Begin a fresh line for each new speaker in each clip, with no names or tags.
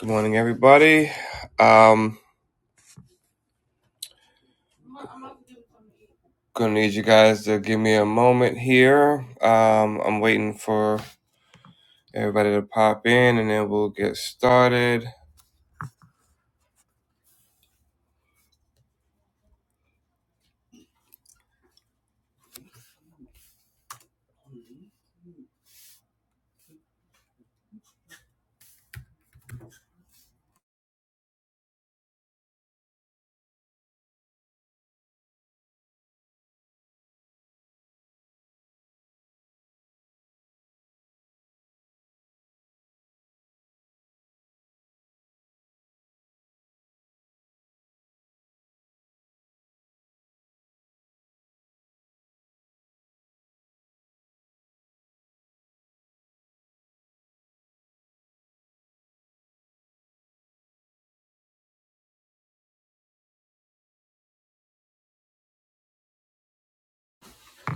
Good morning, everybody. Um, gonna need you guys to give me a moment here. Um, I'm waiting for everybody to pop in, and then we'll get started.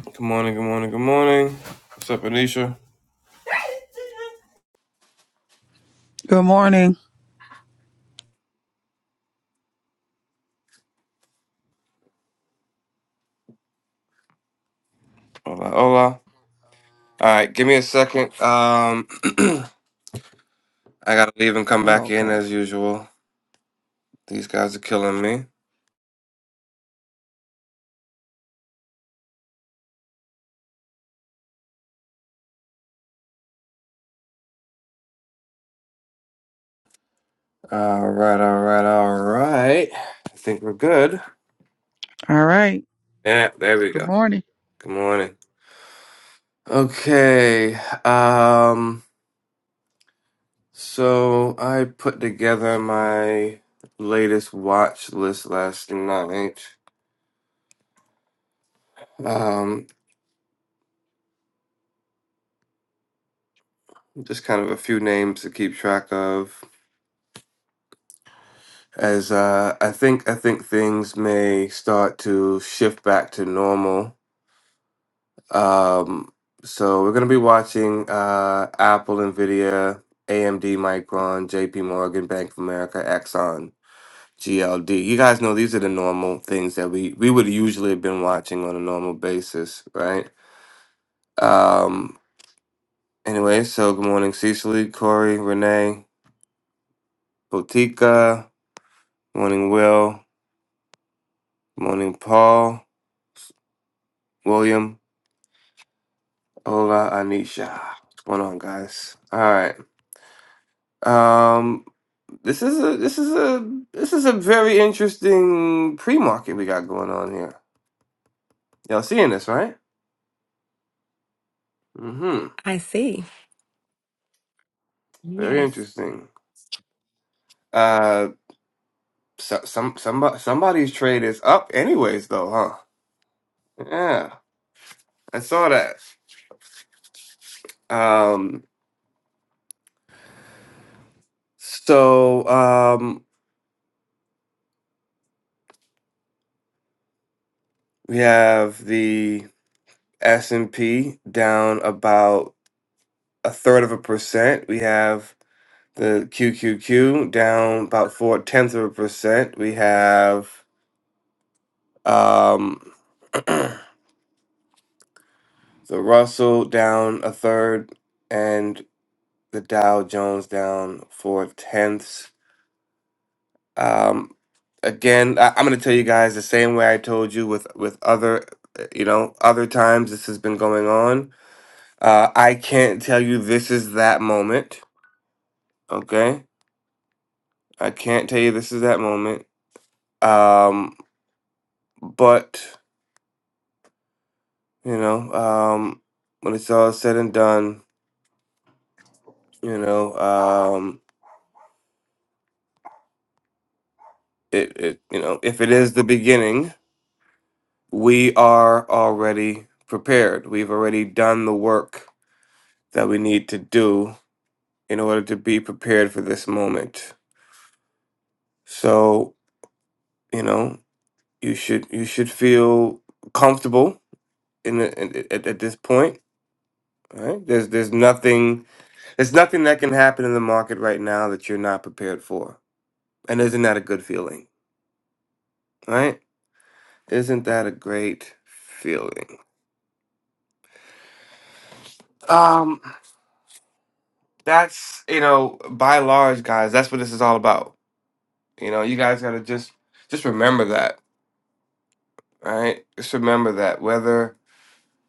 Good morning, good morning, good morning. What's up, Anisha?
Good morning.
Hola, hola. All right, give me a second. Um, I gotta leave and come
Oh,
back in
okay.
as usual. These guys are killing me. All right, all right, all right. I think we're good.
All right.
Yeah, there we
Good
go.
morning.
Good morning. Okay. Um. So I put together my latest watch list last night. Um, just kind of a few names to keep track of. As uh, I think, I think things may start to shift back to normal. Um, so we're gonna be watching uh, Apple, Nvidia, AMD, Micron, J.P. Morgan, Bank of America, Exxon, GLD. You guys know these are the normal things that we we would usually have been watching on a normal basis, right? Um, anyway, so good morning, Cecily, Corey, Renee, Botica. Good morning, Will. Good morning, Paul, William, Ola, Anisha. What's going on, guys? All right. Um, this is a this is a this is a very interesting pre-market we got going on here. Y'all seeing this, right? Mm-hmm.
I see.
Very
Yes.
interesting. Uh, so, some somebody somebody's trade is up, anyways, though, huh? Yeah, I saw that. Um, So um, we have the S and P down about a third of a percent. We have the QQQ down about four tenths of a percent. We have um, the Russell down a third, and the Dow Jones down four tenths. Um, again, I, I'm going to tell you guys the same way I told you with with other, uh, you know, other times this has been going on Uh, I can't tell you this is that moment. Okay, I can't tell you this is that moment. Um, but you know, um, when it's all said and done, you know, um, it, it, you know, if it is the beginning, we are already prepared. We've already done the work that we need to do in order to be prepared for this moment. So you know, you should you should feel comfortable in, the, in at, at this point. Right? There's there's nothing there's nothing that can happen in the market right now that you're not prepared for. And isn't that a good feeling? Right? Isn't that a great feeling? Um, that's you know by and large, guys. That's what this is all about. You know, you guys gotta just just remember that. Right? Just remember that whether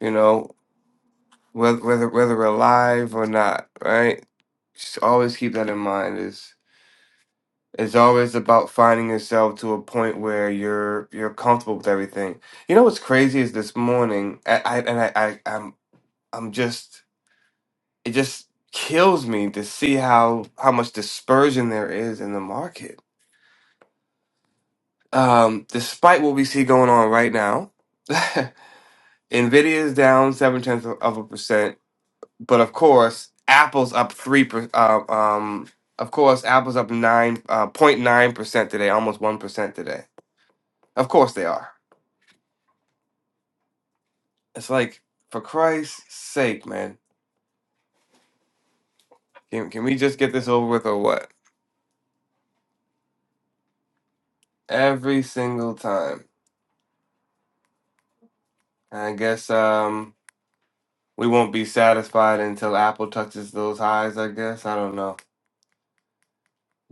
you know whether whether whether we're alive or not. Right? Just always keep that in mind. It's always about finding yourself to a point where you're you're comfortable with everything. You know what's crazy is this morning, I, I and I, I I'm I'm just it just kills me to see how how much dispersion there is in the market. Um, despite what we see going on right now, Nvidia is down seven tenths of of a percent, but of course Apple's up three per, uh, um of course Apple's up nine uh, point 09 percent today, almost one percent today. Of course they are. It's like, for Christ's sake, man, can can we just get this over with or what? Every single time. And I guess um we won't be satisfied until Apple touches those highs, I guess. I don't know.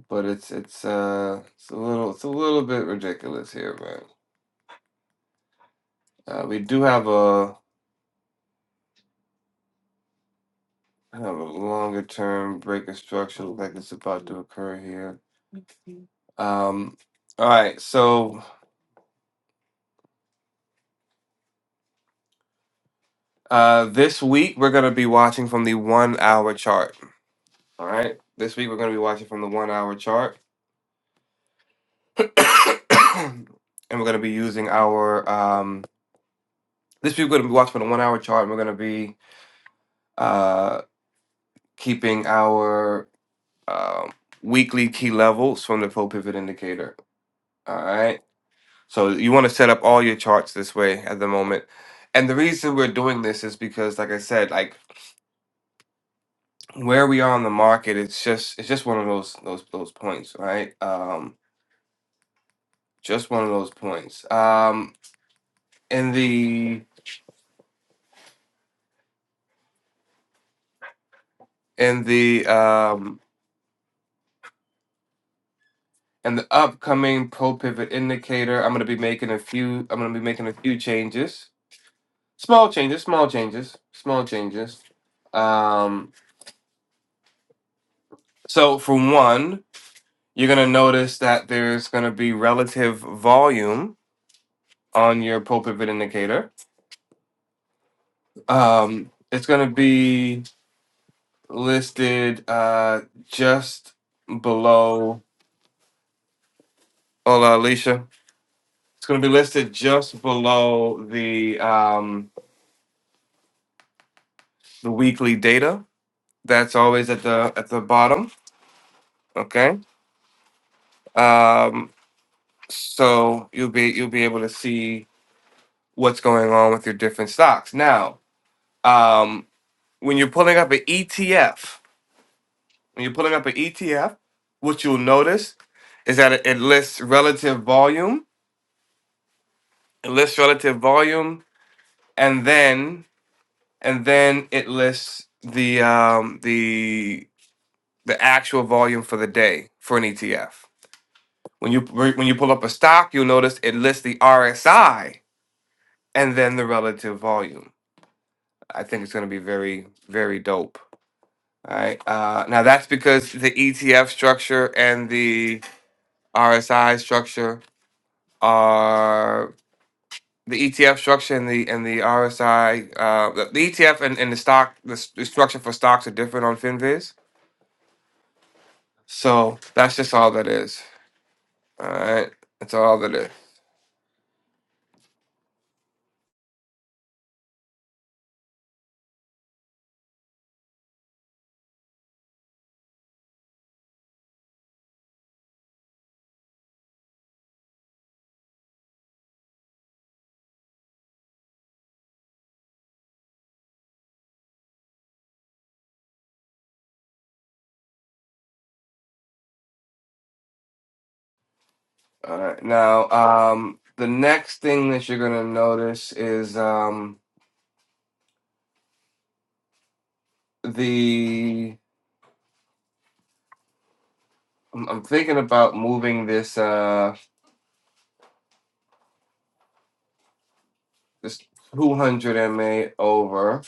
But it's it's uh it's a little it's a little bit ridiculous here, man. Uh, we do have a kind of a longer term break of structure look like it's about to occur here. Um all right, so uh this week we're gonna be watching from the one hour chart. All right. This week we're going to be watching from the one hour chart. and we're going to be using our. Um, this week we're going to be watching from the one hour chart and we're going to be uh, keeping our um, weekly key levels from the full pivot indicator. All right. So you want to set up all your charts this way at the moment. And the reason we're doing this is because, like I said, like where we are on the market, it's just it's just one of those those those points, right? Um, just one of those points. Um, in the in the um in the upcoming pro pivot indicator i'm going to be making a few i'm going to be making a few changes small changes small changes small changes um so for one you're going to notice that there's going to be relative volume on your pro pivot indicator um it's going to be listed uh just below hola alicia It's going to be listed just below the um, the weekly data. That's always at the at the bottom. Okay. Um, so you'll be you'll be able to see what's going on with your different stocks. Now, um, when you're pulling up an ETF, when you're pulling up an ETF, what you'll notice is that it, it lists relative volume. It lists relative volume, and then and then it lists the um, the the actual volume for the day for an ETF. When you when you pull up a stock, you'll notice it lists the RSI and then the relative volume. I think it's going to be very very dope. All right. Uh, now that's because the ETF structure and the RSI structure are the ETF structure and the and the RSI uh, the, the ETF and, and the stock the, s- the structure for stocks are different on Finviz. So that's just all that is. All right. That's all that is. All right. Now, um, the next thing that you're gonna notice is um the I'm, I'm thinking about moving this uh this 200 ma over. I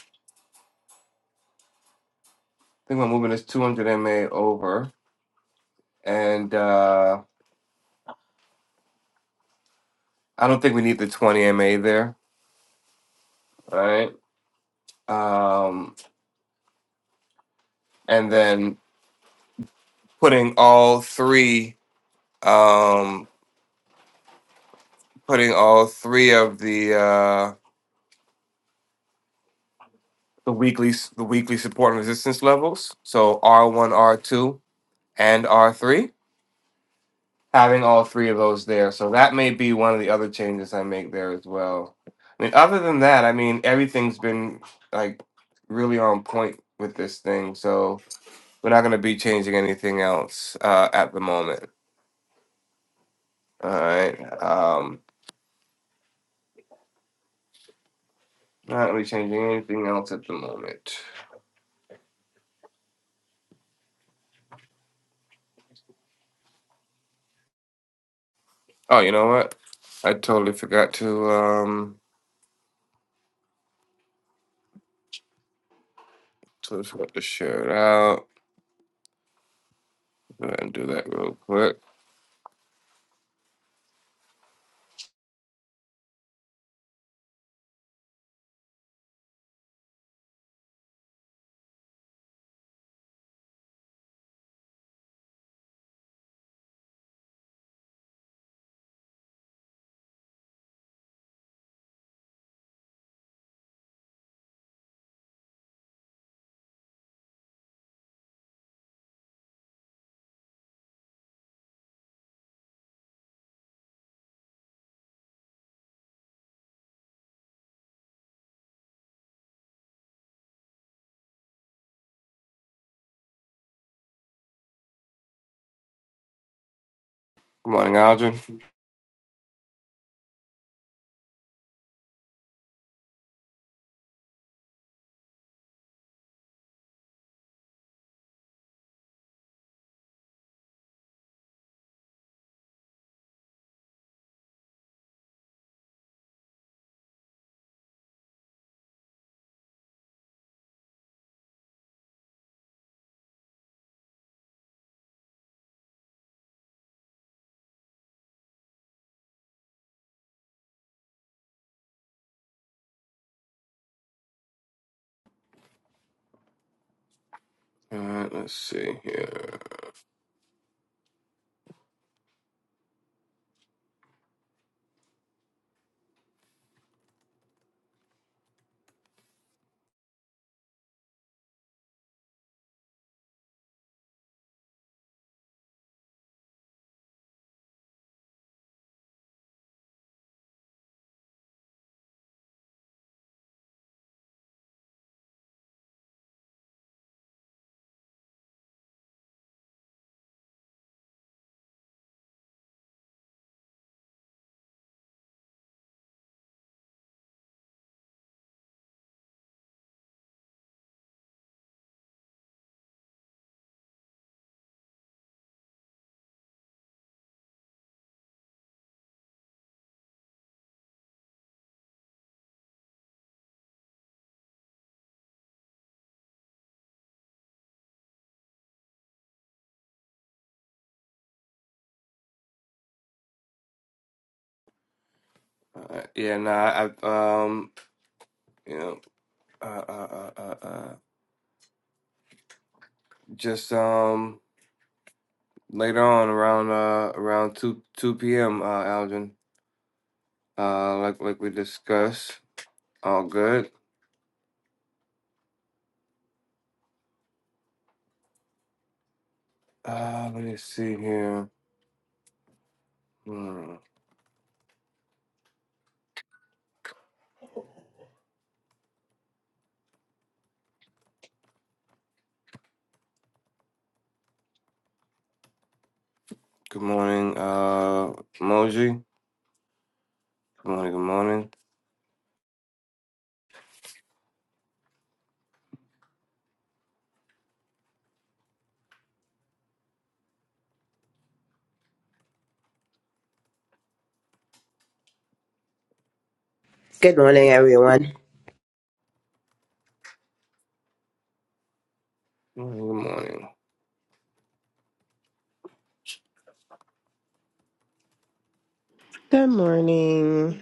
think I'm moving this 200 ma over, and uh, I don't think we need the 20 ma there. All right. Um, and then putting all three um putting all three of the uh, the weekly the weekly support and resistance levels. So R1, R2, and R3. Having all three of those there. So that may be one of the other changes I make there as well. I mean, other than that, I mean everything's been like really on point with this thing. So we're not gonna be changing anything else uh, at the moment. All right. Um not really changing anything else at the moment. Oh, you know what? I totally forgot to um totally forgot to share it out. Go ahead and do that real quick. Good morning, Aldrin. All right, let's see here. Uh, yeah, nah, I um, you know, uh, uh, uh, uh, uh, just um, later on around uh around two two p.m. Uh, Aldrin. Uh, like like we discussed. All good. Uh, let me see here. Hmm. Good morning, uh, Moji. Good morning. Good morning.
Good morning, everyone.
Good morning. Good morning.
Good morning.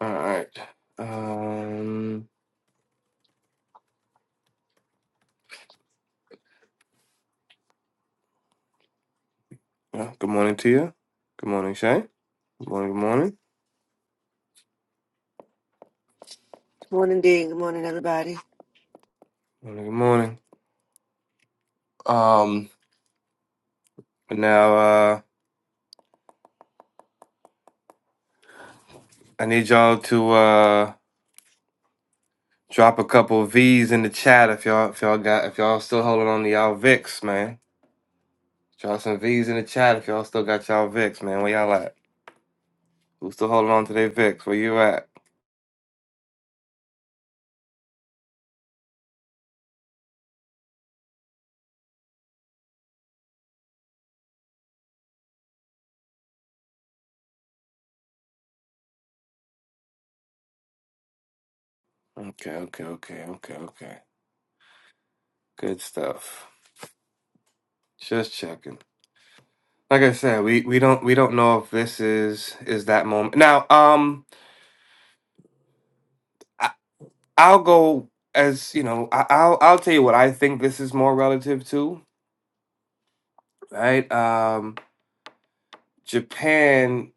All right. Um. yeah, Good morning to you. Good morning, Shay. Good morning, good morning.
Morning, Dean. Good morning, everybody.
Morning, good morning. Um, but now uh, I need y'all to uh, drop a couple V's in the chat if y'all if y'all got if y'all still holding on to y'all Vicks, man. Drop some V's in the chat if y'all still got y'all Vicks, man. Where y'all at? Who's still holding on to their Vicks? Where you at? Okay, okay, okay, okay, okay. Good stuff. Just checking. Like I said, we we don't we don't know if this is is that moment now. Um, I'll go as you know. I, I'll I'll tell you what I think this is more relative to. Right? Um, Japan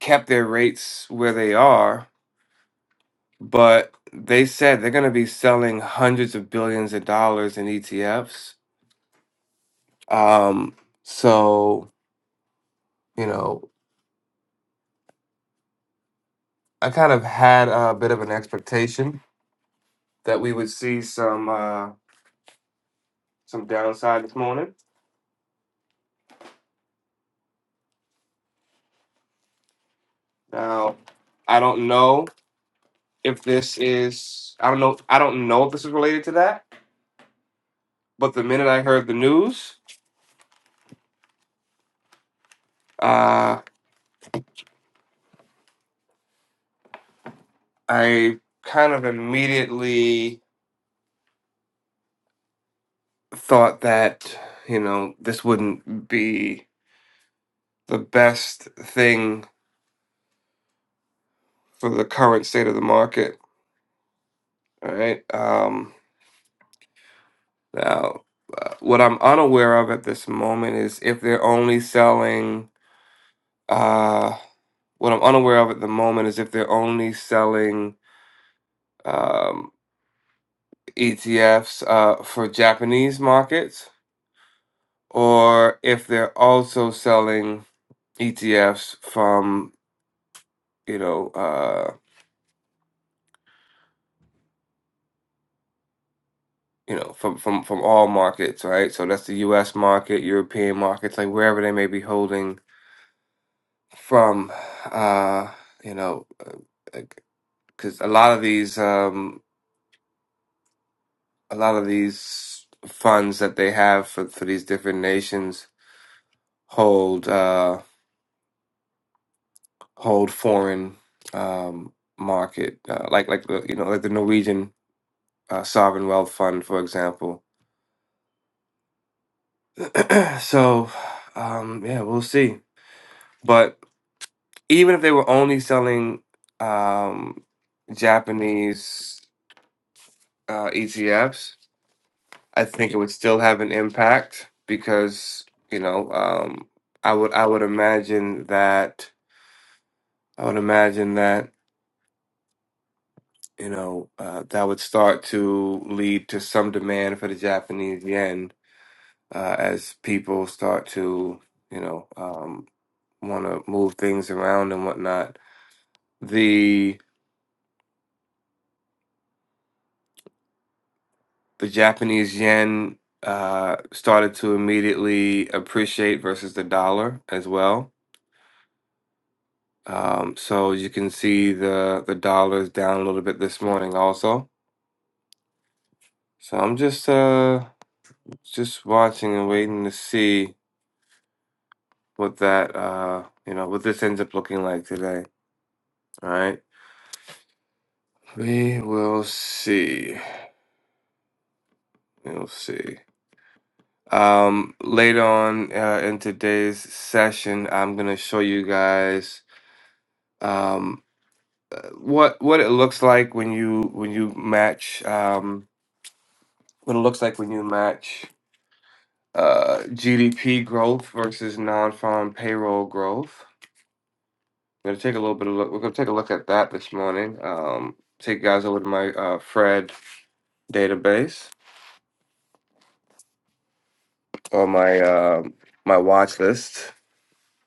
kept their rates where they are, but they said they're going to be selling hundreds of billions of dollars in ETFs. Um, so you know, I kind of had a bit of an expectation that we would see some uh, some downside this morning. Now, I don't know if this is I don't know I don't know if this is related to that, but the minute I heard the news, uh, I kind of immediately thought that you know this wouldn't be the best thing for the current state of the market. All right. Um, now, uh, what I'm unaware of at this moment is if they're only selling. Uh, what I'm unaware of at the moment is if they're only selling. um, ETFs uh, for Japanese markets, or if they're also selling ETFs from you know uh, you know from, from from all markets, right? So that's the U.S. market, European markets, like wherever they may be holding from. Uh, you know, because a lot of these um, a lot of these funds that they have for, for these different nations hold. Uh, hold foreign um, market, uh, like like the you know like the Norwegian uh, sovereign wealth fund, for example. so um, yeah, we'll see. But even if they were only selling um, Japanese uh, ETFs, I think it would still have an impact because you know um, I would I would imagine that I would imagine that. you know, uh, that would start to lead to some demand for the Japanese yen uh, as people start to, you know, um, want to move things around and whatnot. The the Japanese yen uh, started to immediately appreciate versus the dollar as well. Um, so you can see the the dollar is down a little bit this morning also. So I'm just uh just watching and waiting to see. what that uh you know what this ends up looking like today all right we will see we'll see um later on uh, in today's session i'm gonna show you guys um uh, what what it looks like when you when you match um what it looks like when you match uh gdp growth versus non-farm payroll growth we're gonna take a little bit of look we're gonna take a look at that this morning um take you guys over to my uh fred database or my um my watch list,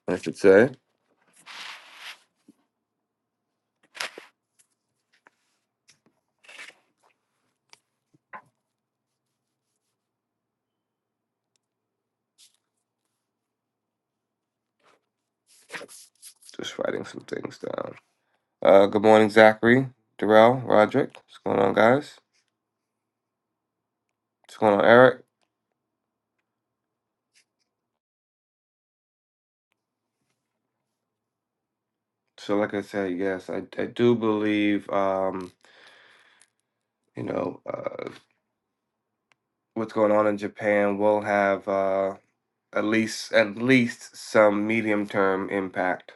I should say. Just writing some things down. Uh, good morning, Zachary, Darrell, Roderick. What's going on, guys? What's going on, Eric? So, like I said, yes, I, I do believe um, you know uh, what's going on in Japan will have uh, at least at least some medium term impact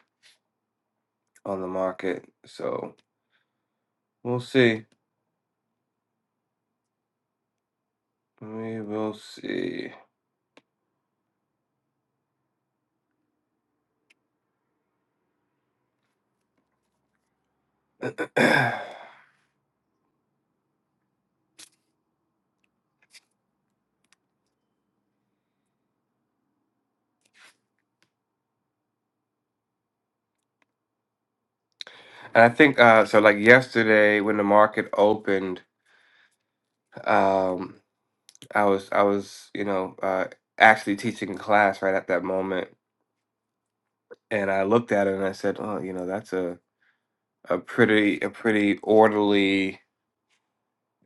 on the market. So we'll see. We will see. And I think uh, so. Like yesterday, when the market opened, um, I was I was you know uh, actually teaching a class right at that moment, and I looked at it and I said, "Oh, you know, that's a a pretty a pretty orderly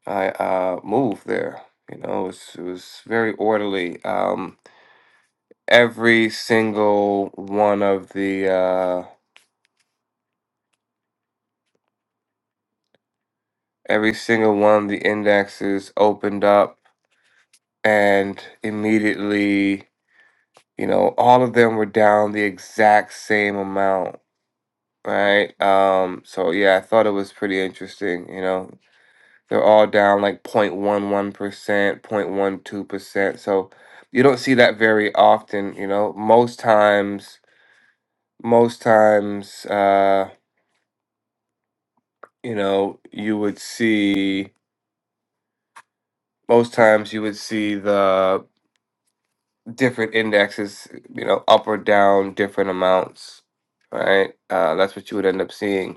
uh, uh, move there." You know, it was it was very orderly. Um, every single one of the uh, every single one of the indexes opened up and immediately You know, all of them were down the exact same amount, right? Um, so yeah, I thought it was pretty interesting, you know. They're all down like 0.11%, 0.12%. So you don't see that very often, you know. Most times, most times, uh, you know, you would see most times you would see the different indexes, you know, up or down different amounts, right? Uh, that's what you would end up seeing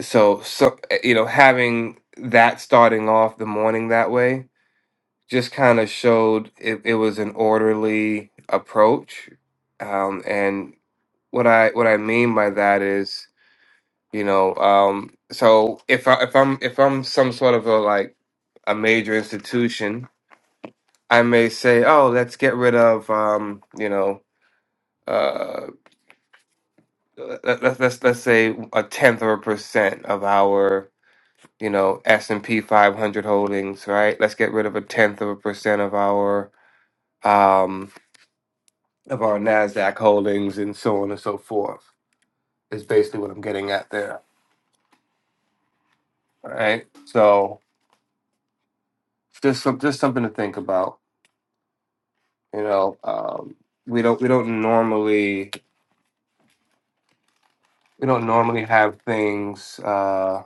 so so eh, you know having that starting off the morning that way just kind of showed it, it was an orderly approach um and what i what i mean by that is you know um so if i if i'm if i'm some sort of a like a major institution i may say oh let's get rid of um you know uh let, let, let's let's say a tenth of a percent of our you know, S&P 500 holdings, right? Let's get rid of a tenth of a percent of our um of our Nasdaq holdings and so on and so forth. Is basically what I'm getting at there, right? So, just some, just something to think about, you know, um we don't we don't normally we don't normally have things uh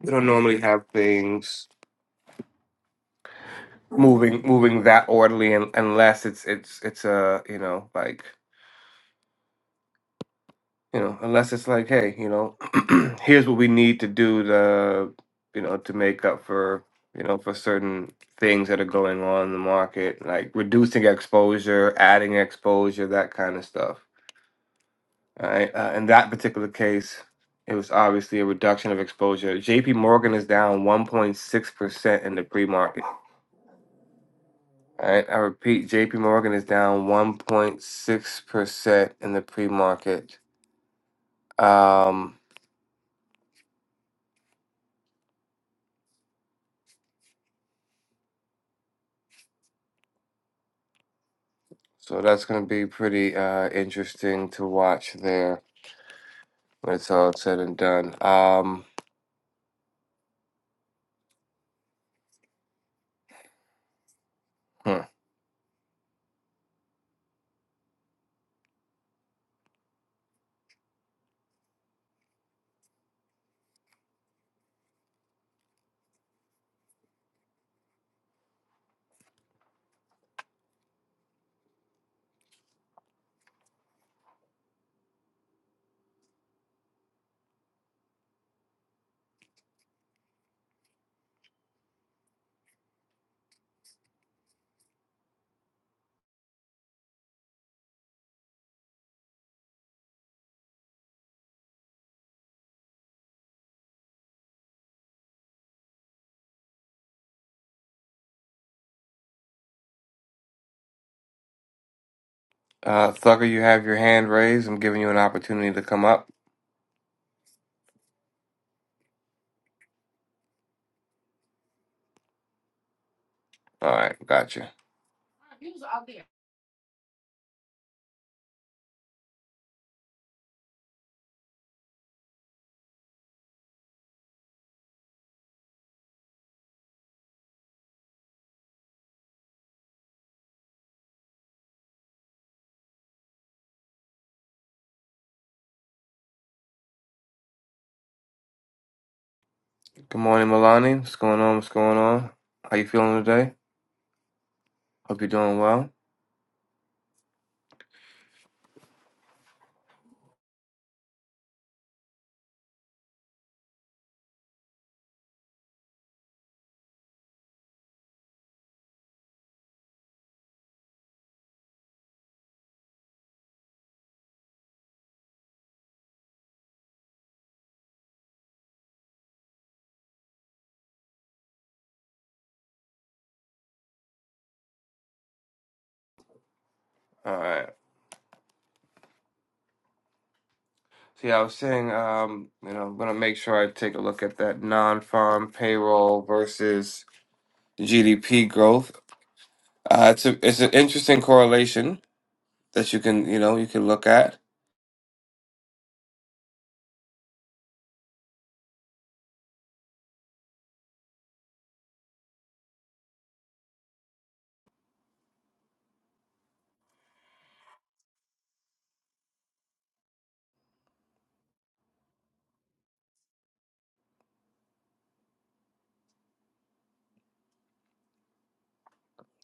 we don't normally have things moving moving that orderly un unless it's it's it's a, you know, like you know, unless it's like, hey, you know, here's what we need to do to, you know, to make up for, you know, for certain things that are going on in the market, like reducing exposure, adding exposure, that kind of stuff. All right. Uh, in that particular case, it was obviously a reduction of exposure. JP Morgan is down 1.6% in the pre market. All right. I repeat, JP Morgan is down 1.6% in the pre market. Um, So that's going to be pretty uh, interesting to watch there when it's all said and done. Um, hmm. uh, Thugger, you have your hand raised. I'm giving you an opportunity to come up. All right, gotcha. Good morning, Milani. What's going on? What's going on? How you feeling today? Hope you're doing well. All right. See, I was saying, um, you know, I'm gonna make sure I take a look at that non-farm payroll versus GDP growth. Uh, it's a, it's an interesting correlation that you can, you know, you can look at.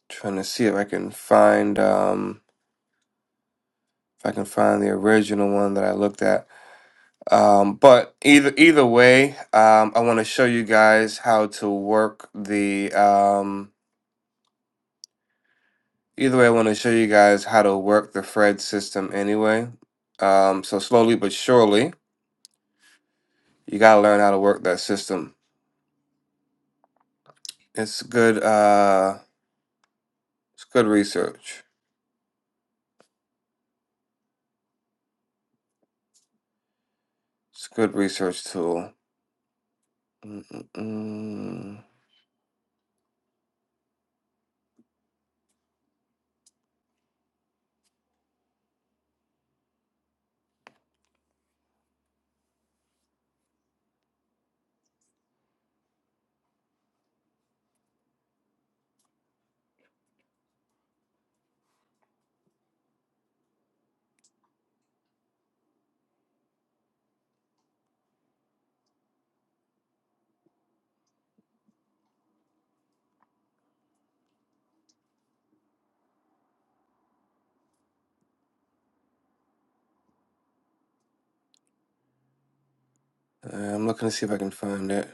Trying to see if I can find um if I can find the original one that I looked at. Um, but either either way, um, I want to show you guys how to work the um either way I want to show you guys how to work the Fred system anyway. Um, so slowly but surely, you gotta learn how to work that system. It's good. Uh, it's good research. It's a good research tool. Mm-mm-mm. Uh, I'm looking to see if I can find it.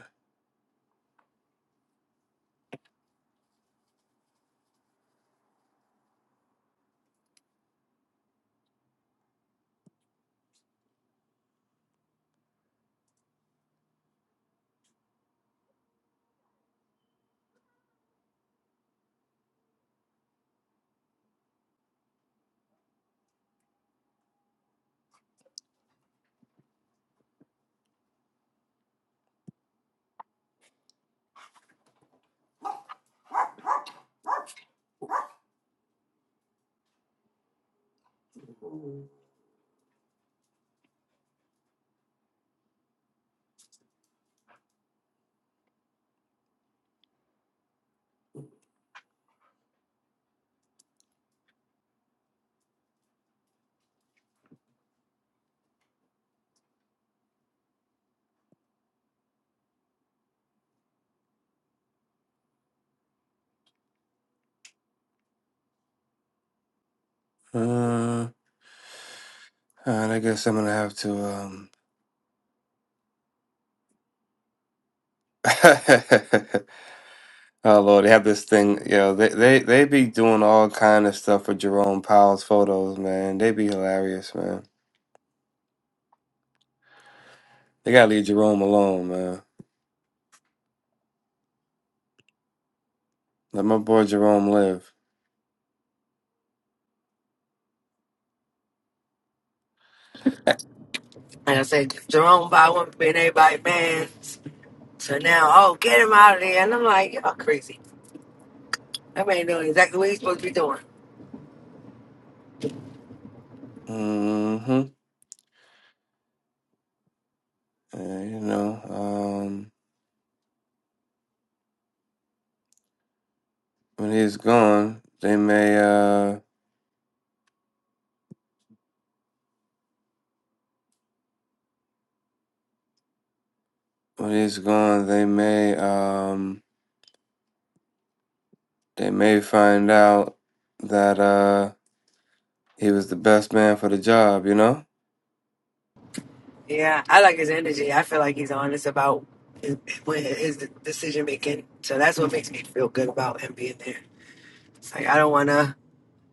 Uh, And I guess I'm gonna have to. um Oh Lord, they have this thing. You know, they they they be doing all kind of stuff for Jerome Powell's photos, man. They be hilarious, man. They gotta leave Jerome alone, man. Let my boy Jerome live.
Like I said, Jerome Bowen been everybody man. So now, oh, get him out of there. And I'm like, y'all crazy. That man doing exactly what he's supposed to be doing.
Mm-hmm. Yeah, you know, um, when he's gone, they may. uh When he's gone, they may. um They may find out that uh he was the best man for the job. You know.
Yeah, I like his energy. I feel like he's honest about his, when his decision making. So that's what makes me feel good about him being there. It's like, I don't want to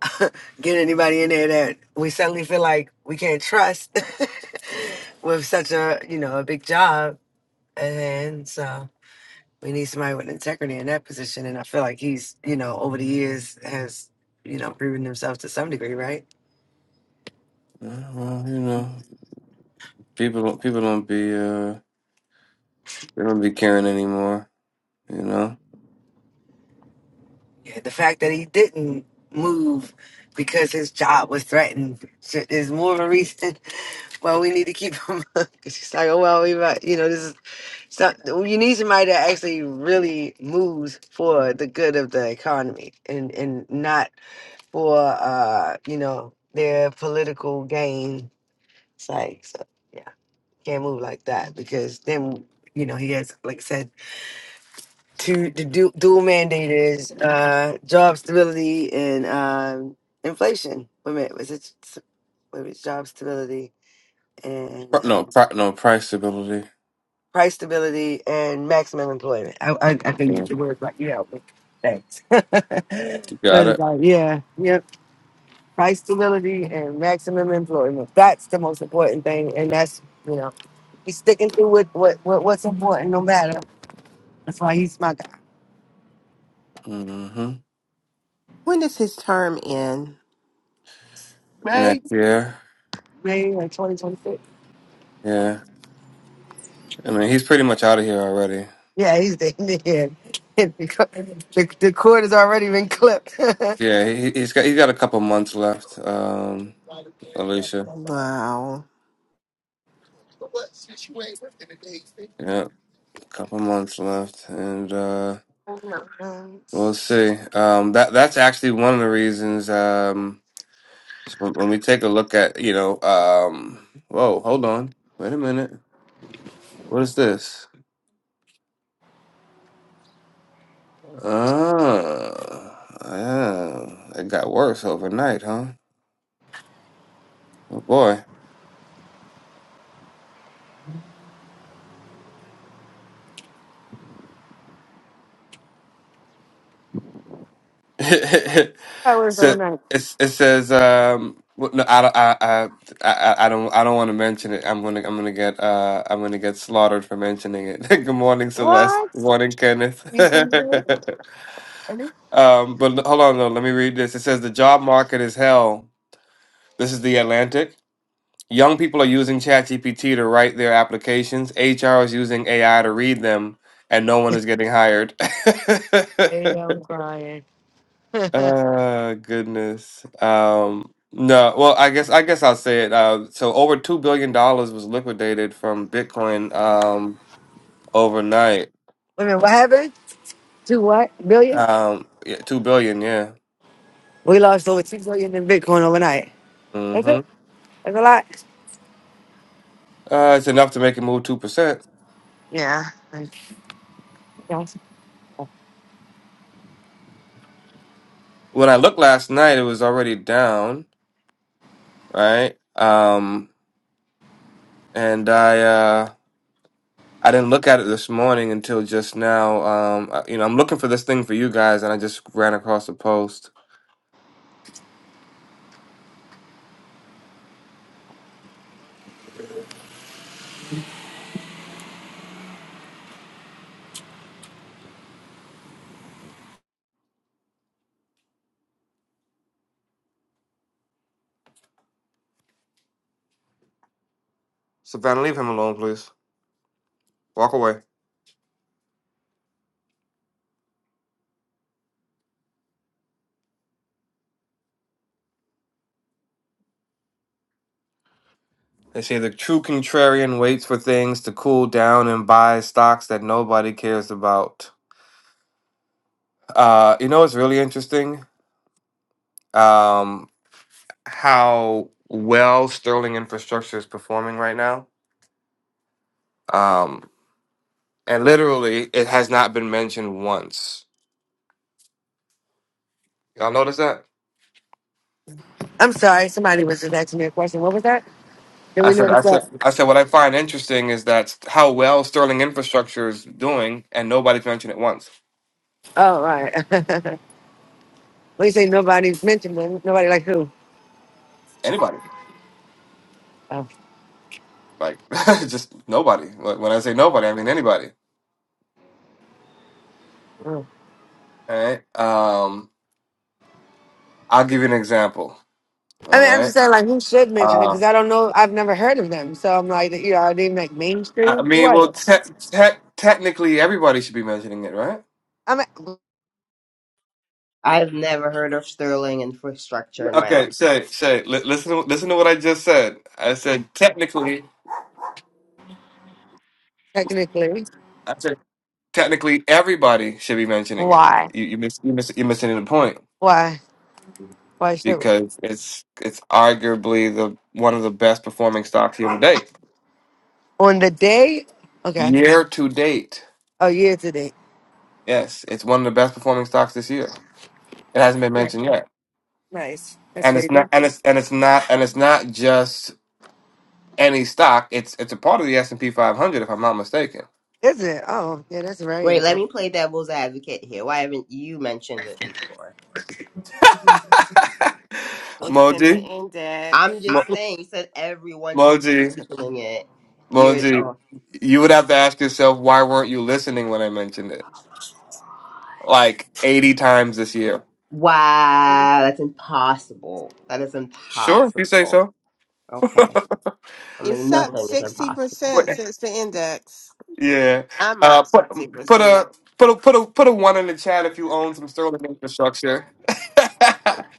get anybody in there that we suddenly feel like we can't trust with such a, you know, a big job. And so. We need somebody with integrity in that position, and I feel like he's, you know, over the years has, you know, proven himself to some degree, right?
Yeah, well, you know, people don't people don't be uh they don't be caring anymore, you know.
Yeah, the fact that he didn't move because his job was threatened sh- is more of a reason why we need to keep him. It's just like, oh well, we might, you know, this is it's not. You need somebody that actually really moves for the good of the economy, and and not for, uh, you know, their political gain. It's like, so, yeah. Can't move like that because then you know he has, like I said, two the du- dual mandate is uh, job stability and um, inflation. Wait a minute, was it s- wait a minute, job stability and
Pri- No,
um,
pri- no price stability.
price stability and maximum employment? I I, I think
Yeah,
the word right. Yeah, but thanks. but
you got
it's
it.
like yeah, yep. Price stability and maximum employment. That's the most important thing, and that's you know he's sticking to what, what, what what's important no matter That's why he's my guy.
hmm
When does his term end?
Right?
Next year,
May like 2026.
yeah. I mean, he's pretty much out of here already.
Yeah, he's the Indian. the, the cord has already been clipped. I
Yeah, he, he- has got he's got a couple months left. Um, Alicia,
Wow.
yeah, a couple months left, and. uh. We'll see. Um, that that's actually one of the reasons. Um, so when, when we take a look at, you know, um, whoa, hold on, wait a minute. What is this? Oh, yeah, it got worse overnight, huh? Oh boy.
worked
so
overnight.
it's, it says, um, well, no, I, I, I, I, I I don't, I don't want to mention it. I'm gonna, I'm gonna get, uh, I'm gonna get slaughtered for mentioning it. Good morning, Celeste.
What?
Good morning,
You spend the day?
Kenneth.
And then-
Um, but l- hold on, though. Let me read this. It says the job market is hell. This is the Atlantic. Young people are using ChatGPT to write their applications. HR is using AI to read them, and no one is getting hired.
Hey, I'm crying. Wait a
uh, goodness. Um, no. Well, I guess I guess I'll say it. Uh, so over two billion dollars was liquidated from Bitcoin um, overnight.
minute, what happened? Two what? Billion?
Um, yeah, two billion. Yeah.
We lost over two billion in Bitcoin overnight. That's
Mm-hmm.
it? That's a lot.
Uh, it's enough to make it move two percent.
Yeah. Like, yes.
When I looked last night, it was already down, right? Um, and I uh, I didn't look at it this morning until just now. Um, I- you know, I'm looking for this thing for you guys, and I just ran across the post. Savannah, leave him alone, please. Walk away. They say the true contrarian waits for things to cool down and buys stocks that nobody cares about. Uh, you know, it's really interesting um, how well Sterling Infrastructure is performing right now. Um, And literally, it has not been mentioned once. Y'all notice that?
I'm sorry, somebody was just asking me a question. What was that? Did
I
we
said,
notice
I said,
that?
I said. What I find interesting is that how well Sterling Infrastructure is doing, and nobody's mentioned it once.
Oh, right. Well, you say nobody's mentioned them. Nobody like who?
Anybody,
Oh.
like just nobody. Like, When I say nobody, I mean anybody.
oh.
All right. Um, I'll give you an example.
I
All
mean, I'm just
right.
saying, like, who should mention it?
Uh,
Because I don't know. I've never heard of them. So I'm like, you know, are they like
I
mainstream?
mean, well,
What?
te- te- technically, everybody should be mentioning it, right?
I mean,
I've never heard of Sterling infrastructure in my
Okay.
life.
Say, say. Li- listen, listen to what I just said. I said technically.
technically,
technically everybody should be mentioning it.
why?
You you miss you miss you're missing the point
Why? Why should we?
because it's it's arguably the one of the best performing stocks year to date.
On the day? Okay.
Year to date,
Oh, year to date.
yes, it's one of the best performing stocks this year. It hasn't been mentioned
Right.
yet,
Nice. That's
and it's not
crazy.
and it's and it's not and it's not just any stock. It's it's a part of the S and P 500, if I'm not mistaken.
Is it? Oh, yeah, that's very
Wait, let
interesting.
me play devil's advocate here. Why haven't you mentioned it before?
It's in the
Moji,
index.
I'm
Mo-
just saying, you said everyone should be
Moji,
mentioning it. You're,
Moji,
oh,
you would have to ask yourself why weren't you listening when I mentioned it. like 80 times this year.
wow, that's impossible. That is
Sure, if you say
impossible.
so.
Okay. I
It's
mean,
up
nothing is impossible.
What-
60% since the index.
Yeah.
I'm up
Uh, put put
60%.
a put a put a put a one in the chat if you own some Sterling infrastructure. put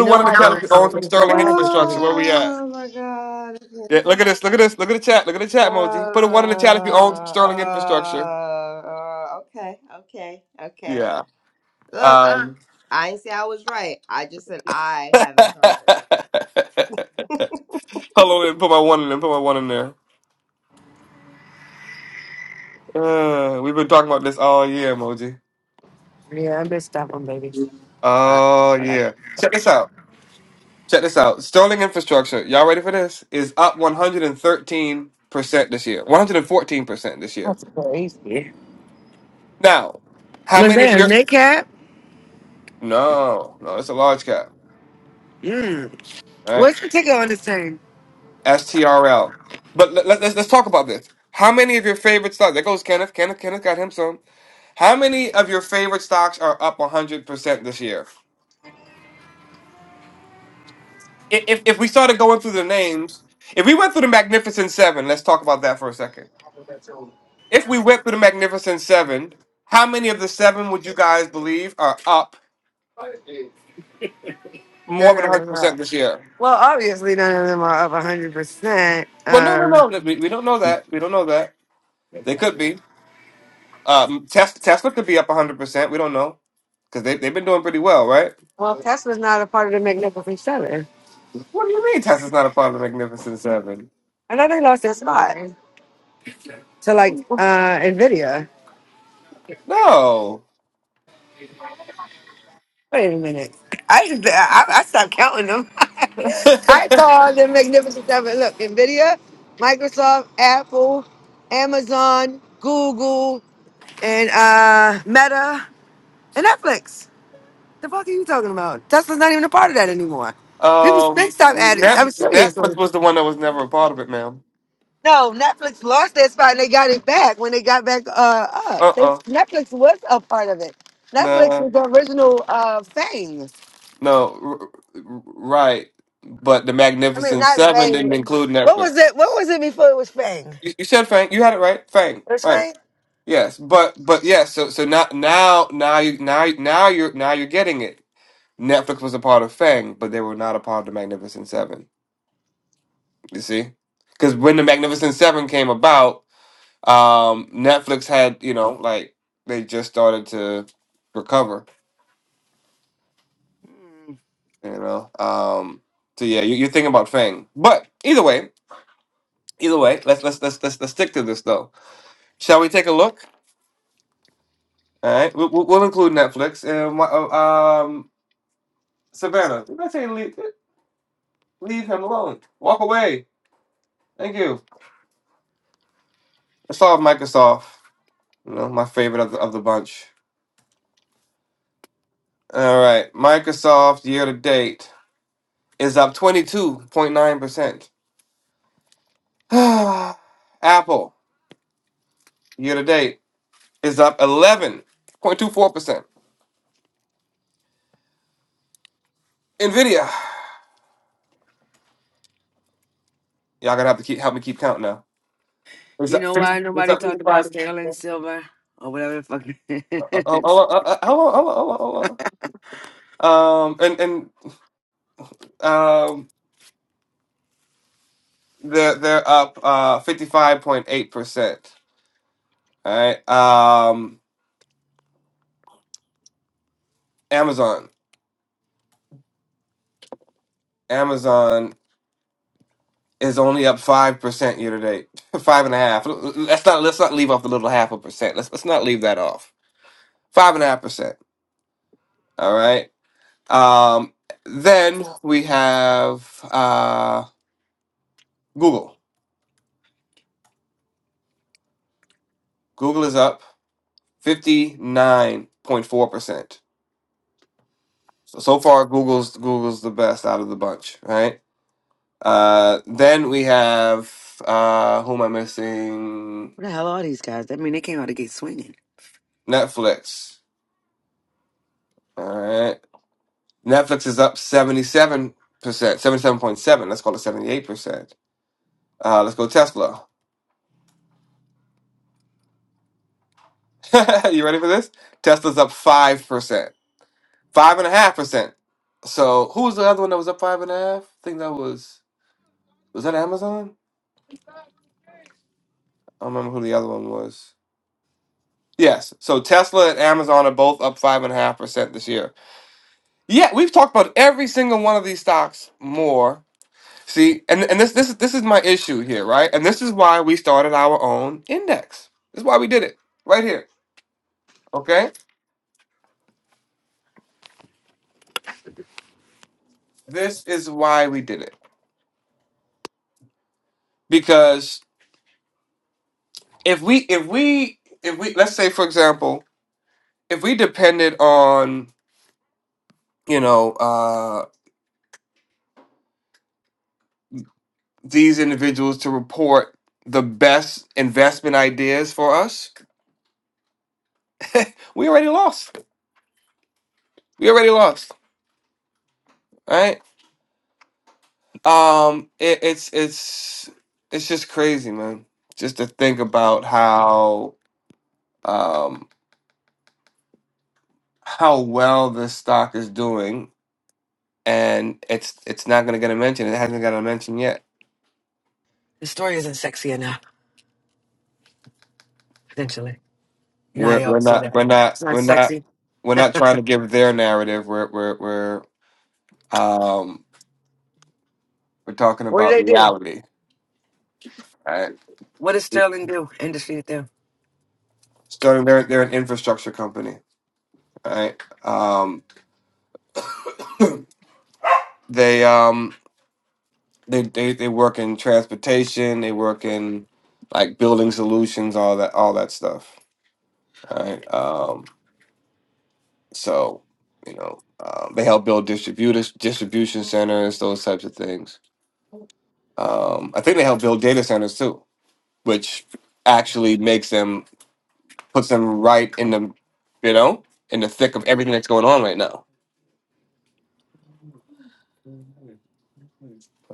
a one
know,
in the
I
chat if
don't.
you own
So
some
it's the way
Sterling
I just figured
infrastructure.
it
Where
out.
we at?
Oh my god.
Yeah, look at this. Look at this. Look at the chat. Look at the chat emoji. Put a one in the chat if you own some
Uh, uh,
Sterling infrastructure.
uh, okay, okay, okay.
Yeah.
Look.
Um.
I didn't say I was right. I just said I haven't heard
Hold on, and put my one in there. Put my one in there. Uh, we've been talking about this all year, emoji.
Yeah, I missed that one, baby.
it. Uh,
Oh yeah. Check this out. Check this out. Sterling infrastructure, y'all ready for this? Is up 113% this year. 114% this year.
That's crazy.
Now, how
Was
many of
there a
your
Nick Cap?
No, no, it's a large cap,
Mm.
right?
What's the ticket on this thing?
STRL. But let, let, let's let's talk about this. How many of your favorite stocks? There goes Kenneth. Kenneth Kenneth got him some. How many of your favorite stocks are up 100% this year? I- If if we started going through the names, if we went through the Magnificent 7, let's talk about that for a second. If we went through the Magnificent Seven, how many of the seven would you guys believe are up more
None
than
of them
100%
are.
this year?
Well, obviously, none of them are up 100%.
Well, no,
Um,
no, no. We, we don't know that. We don't know that. They could be. Um, Tesla, Tesla could be up 100%. We don't know. Because they, they've been doing pretty well, right?
well, Tesla's not a part of the Magnificent Seven.
What do you mean Tesla's not a part of the Magnificent Seven?
I know they lost their spot to like uh, NVIDIA.
No.
Wait a minute. I, just- I, I stopped counting them. I called the Magnificent Seven. Look, NVIDIA, Microsoft, Apple, Amazon, Google, and uh, Meta, and Netflix. The fuck are you talking about? Tesla's not even a part of that anymore. People, they
um,
stop adding.
Net,
I'm serious. like,
Netflix was the one that was never a part of it, ma'am.
No, Netflix lost that spot and they got it back when they got back uh, up. They,
Uh-uh.
Netflix was a part of it. Netflix
Nah.
was the original uh, Fang.
No, r- r- right. But the
I mean,
Magnificent
not
Seven
Fang.
didn't include
What was
Netflix.
it? What was it before it was Fang? It
You, you said Fang. You had it right. Fang.
was
Right.
Fang?
Yes. But but yes. So so now now now you now now you're now you're getting it. Netflix was a part of Fang, but they were not a part of the Magnificent Seven. You see, because when the Magnificent Seven came about, um, Netflix had you know like they just started to recover. You know. Um. So yeah, you, you're thinking about Fang. But either way. Either way, let's let's let's let's, let's stick to this though. Shall we take a look? All right, we'll, we'll we'll include Netflix. And wha- uh, um, Savannah, did I say leave, leave him alone? Walk away. Thank you. Let's start with Microsoft. You know, my favorite of the, of the bunch. All right, Microsoft year to date is up twenty two point nine percent. Apple year to date is up eleven point two four percent. Nvidia, y'all gonna have to keep help me keep count now. Is
You
that
know
fifty?
why
Is
nobody
that fifty
talked about
five?
Sterling Silver or whatever the fuck it
Oh, oh, oh,
is?
uh, uh, oh, oh, oh, oh, oh, oh. Um, and and um, they're they're up uh fifty five point eight percent. All right. Um, Amazon, Amazon is only up five percent year to date, five and a half. L- l- Let's not let's not leave off the little half a percent. Let's let's not leave that off. Five and a half percent. All right. Um, then we have uh Google. Google is up fifty nine point four percent. So, so far, Google's Google's the best out of the bunch, right? Uh, then we have uh, who am I missing?
What the hell are these guys? I mean, they came out of the gate swinging.
Netflix. All right, Netflix is up seventy seven percent, seventy seven point seven. Let's call it seventy eight percent. Uh, let's go Tesla. you ready for this? Tesla's up five percent, five and a half percent. So who was the other one that was up five and a half? I think that was was that Amazon. I don't remember who the other one was. Yes. So Tesla and Amazon are both up five and a half percent this year. Yeah, we've talked about every single one of these stocks more. See, and, and this this is this is my issue here, right? And this is why we started our own index. This is why we did it. Right here. Okay? This is why we did it. Because if we if we if we let's say for example, if we depended on, you know, uh these individuals to report the best investment ideas for us, we already lost. We already lost, All right? Um, it, it's it's it's just crazy, man. Just to think about how um how well this stock is doing, and it's it's not going to get a mention. It hasn't got a mention yet.
The story isn't sexy enough, potentially. You know how
We're
they
we're
always say
not
that.
we're not
It's not
we're not
sexy.
we're not trying to give their narrative. We're we're we're um we're talking
What do
about
they do?
reality, right?
What does Sterling do? Industry do?
Starting, they're they're an infrastructure company, right? Um, they um. They they they work in transportation. They work in like building solutions, all that all that stuff. Right. Um. So you know, um, they help build distributors, distribution centers, those types of things. Um. I think they help build data centers too, which actually makes them puts them right in the you know in the thick of everything that's going on right now.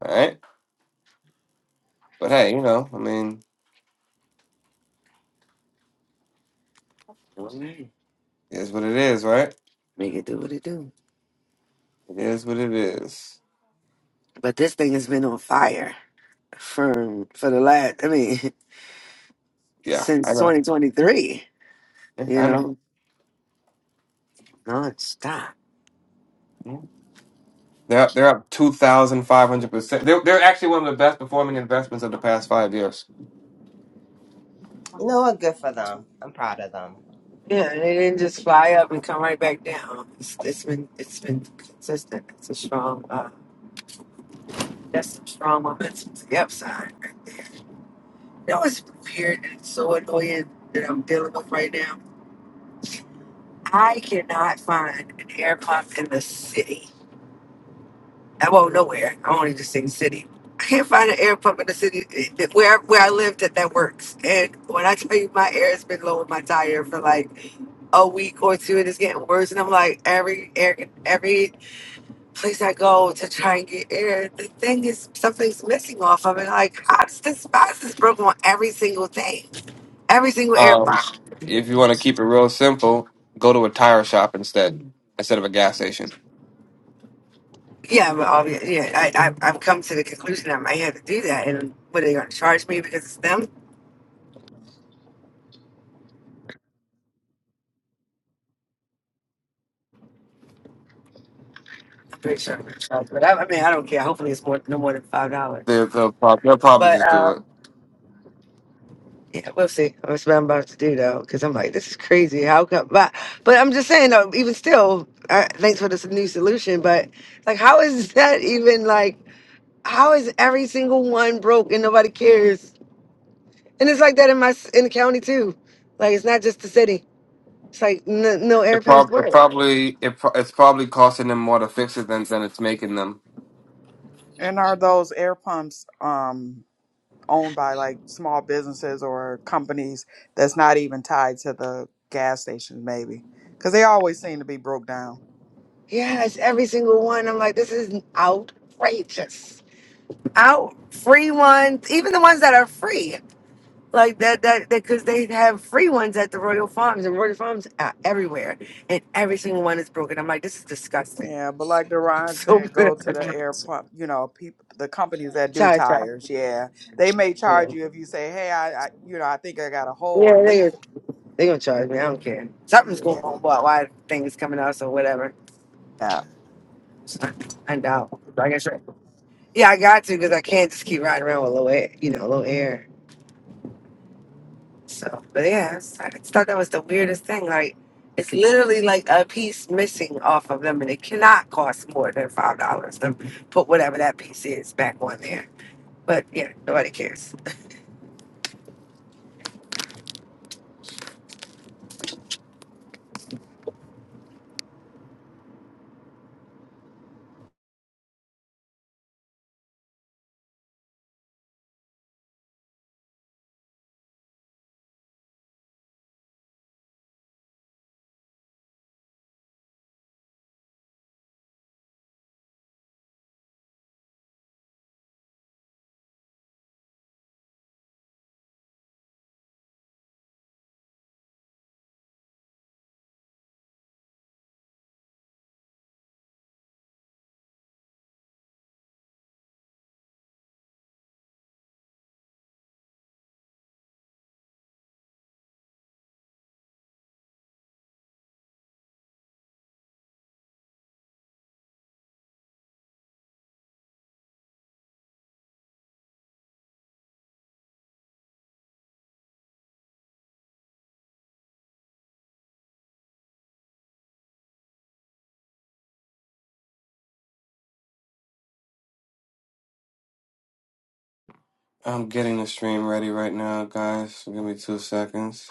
All right. But hey, you know, I mean,
All right.
it is what it is, right?
Make it do what it do.
It is what it is.
But this thing has been on fire for for the last. I mean,
Yeah, I
since
know.
2023.
Yeah,
You
I know.
know,
Mm-hmm.
nonstop.
They're up, they're up two thousand five hundred percent. They're they're actually one of the best performing investments of the past five years.
You know what? Good for them. I'm proud of them.
Yeah, and it didn't just fly up and come right back down. It's, it's been it's been consistent. It's a strong. Uh, that's some strong momentum to the upside. You know, it's weird and it's so annoying that I'm dealing with right now. I cannot find an air pump in the city. I won't nowhere. I only just in the city. I can't find an air pump in the city that- where where I lived that that works. And when I tell you my air has been low in my tire for like a week or two, and it's getting worse. And I'm like every air every place I go to try and get air, the thing is something's missing off of it. Like how does this why is this broken on every single thing, every single air
Um,
pump?
if you want to keep it real simple, go to a tire shop instead instead of a gas station.
Yeah, but obvi- yeah, I, I I've come to the conclusion I might have to do that. And what are they going to charge me because it's them? I'm Pretty sure. I'm gonna charge, But I, I mean, I don't care. Hopefully, it's more no more than five
They,
dollars.
they'll, prob- they'll probably
But
just
uh,
do it.
yeah, we'll see. That's what I'm about to do though, because I'm like, this is crazy. How come? But but I'm just saying though. Even still, uh, thanks for this new solution. But like, how is that even like? How is every single one broke and nobody cares? And it's like that in my s- in the county too. Like it's not just the city. It's like n- no air
It,
pumps
prob- it
work.
probably it pro- it's probably costing them more to fix it than than it's making them.
And are those air pumps um, owned by like small businesses or companies that's not even tied to the gas stations, maybe? Because they always seem to be broke down.
Yes, every single one. I'm like, this is outrageous. out free ones, even the ones that are free, like that, that, because they have free ones at the Royal Farms and Royal Farms are everywhere, and every single one is broken. I'm like, this is disgusting.
Yeah, but like Deron
So
said,
good.
go to the air pump. You know, people, the companies that do
Charge, charge.
tires. Yeah, they may
Yeah,
charge you if you say, "Hey, I, I you know, I think I got a
yeah
hole, a
they gonna,
leak."
they gonna charge me. I don't care. Something's going
Yeah.
on. Why, why things coming out? So whatever. I doubt. Like I guess. right. Yeah, I got to because I can't just keep riding around with low air. You know, low air. So, but yeah, I just thought that was the weirdest thing. Like, it's literally like a piece missing off of them, and it cannot cost more than five dollars to put whatever that piece is back on there. But yeah, nobody cares.
I'm getting the stream ready right now, guys. Give me two seconds.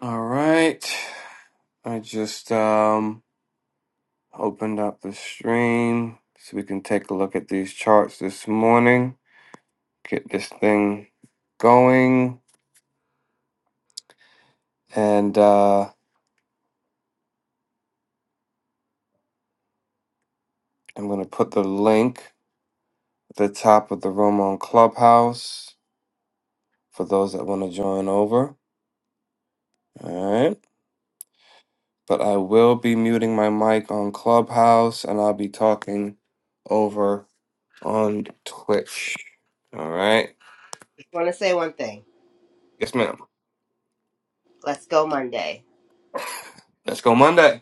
All right. I just um, opened up the stream so we can take a look at these charts this morning, get this thing going, and uh, I'm going to put the link at the top of the room on Clubhouse for those that want to join over. All right. But I will be muting my mic on Clubhouse and I'll be talking over on Twitch. All right.
Just want to say one thing.
Yes, ma'am.
Let's go Monday.
Let's go Monday.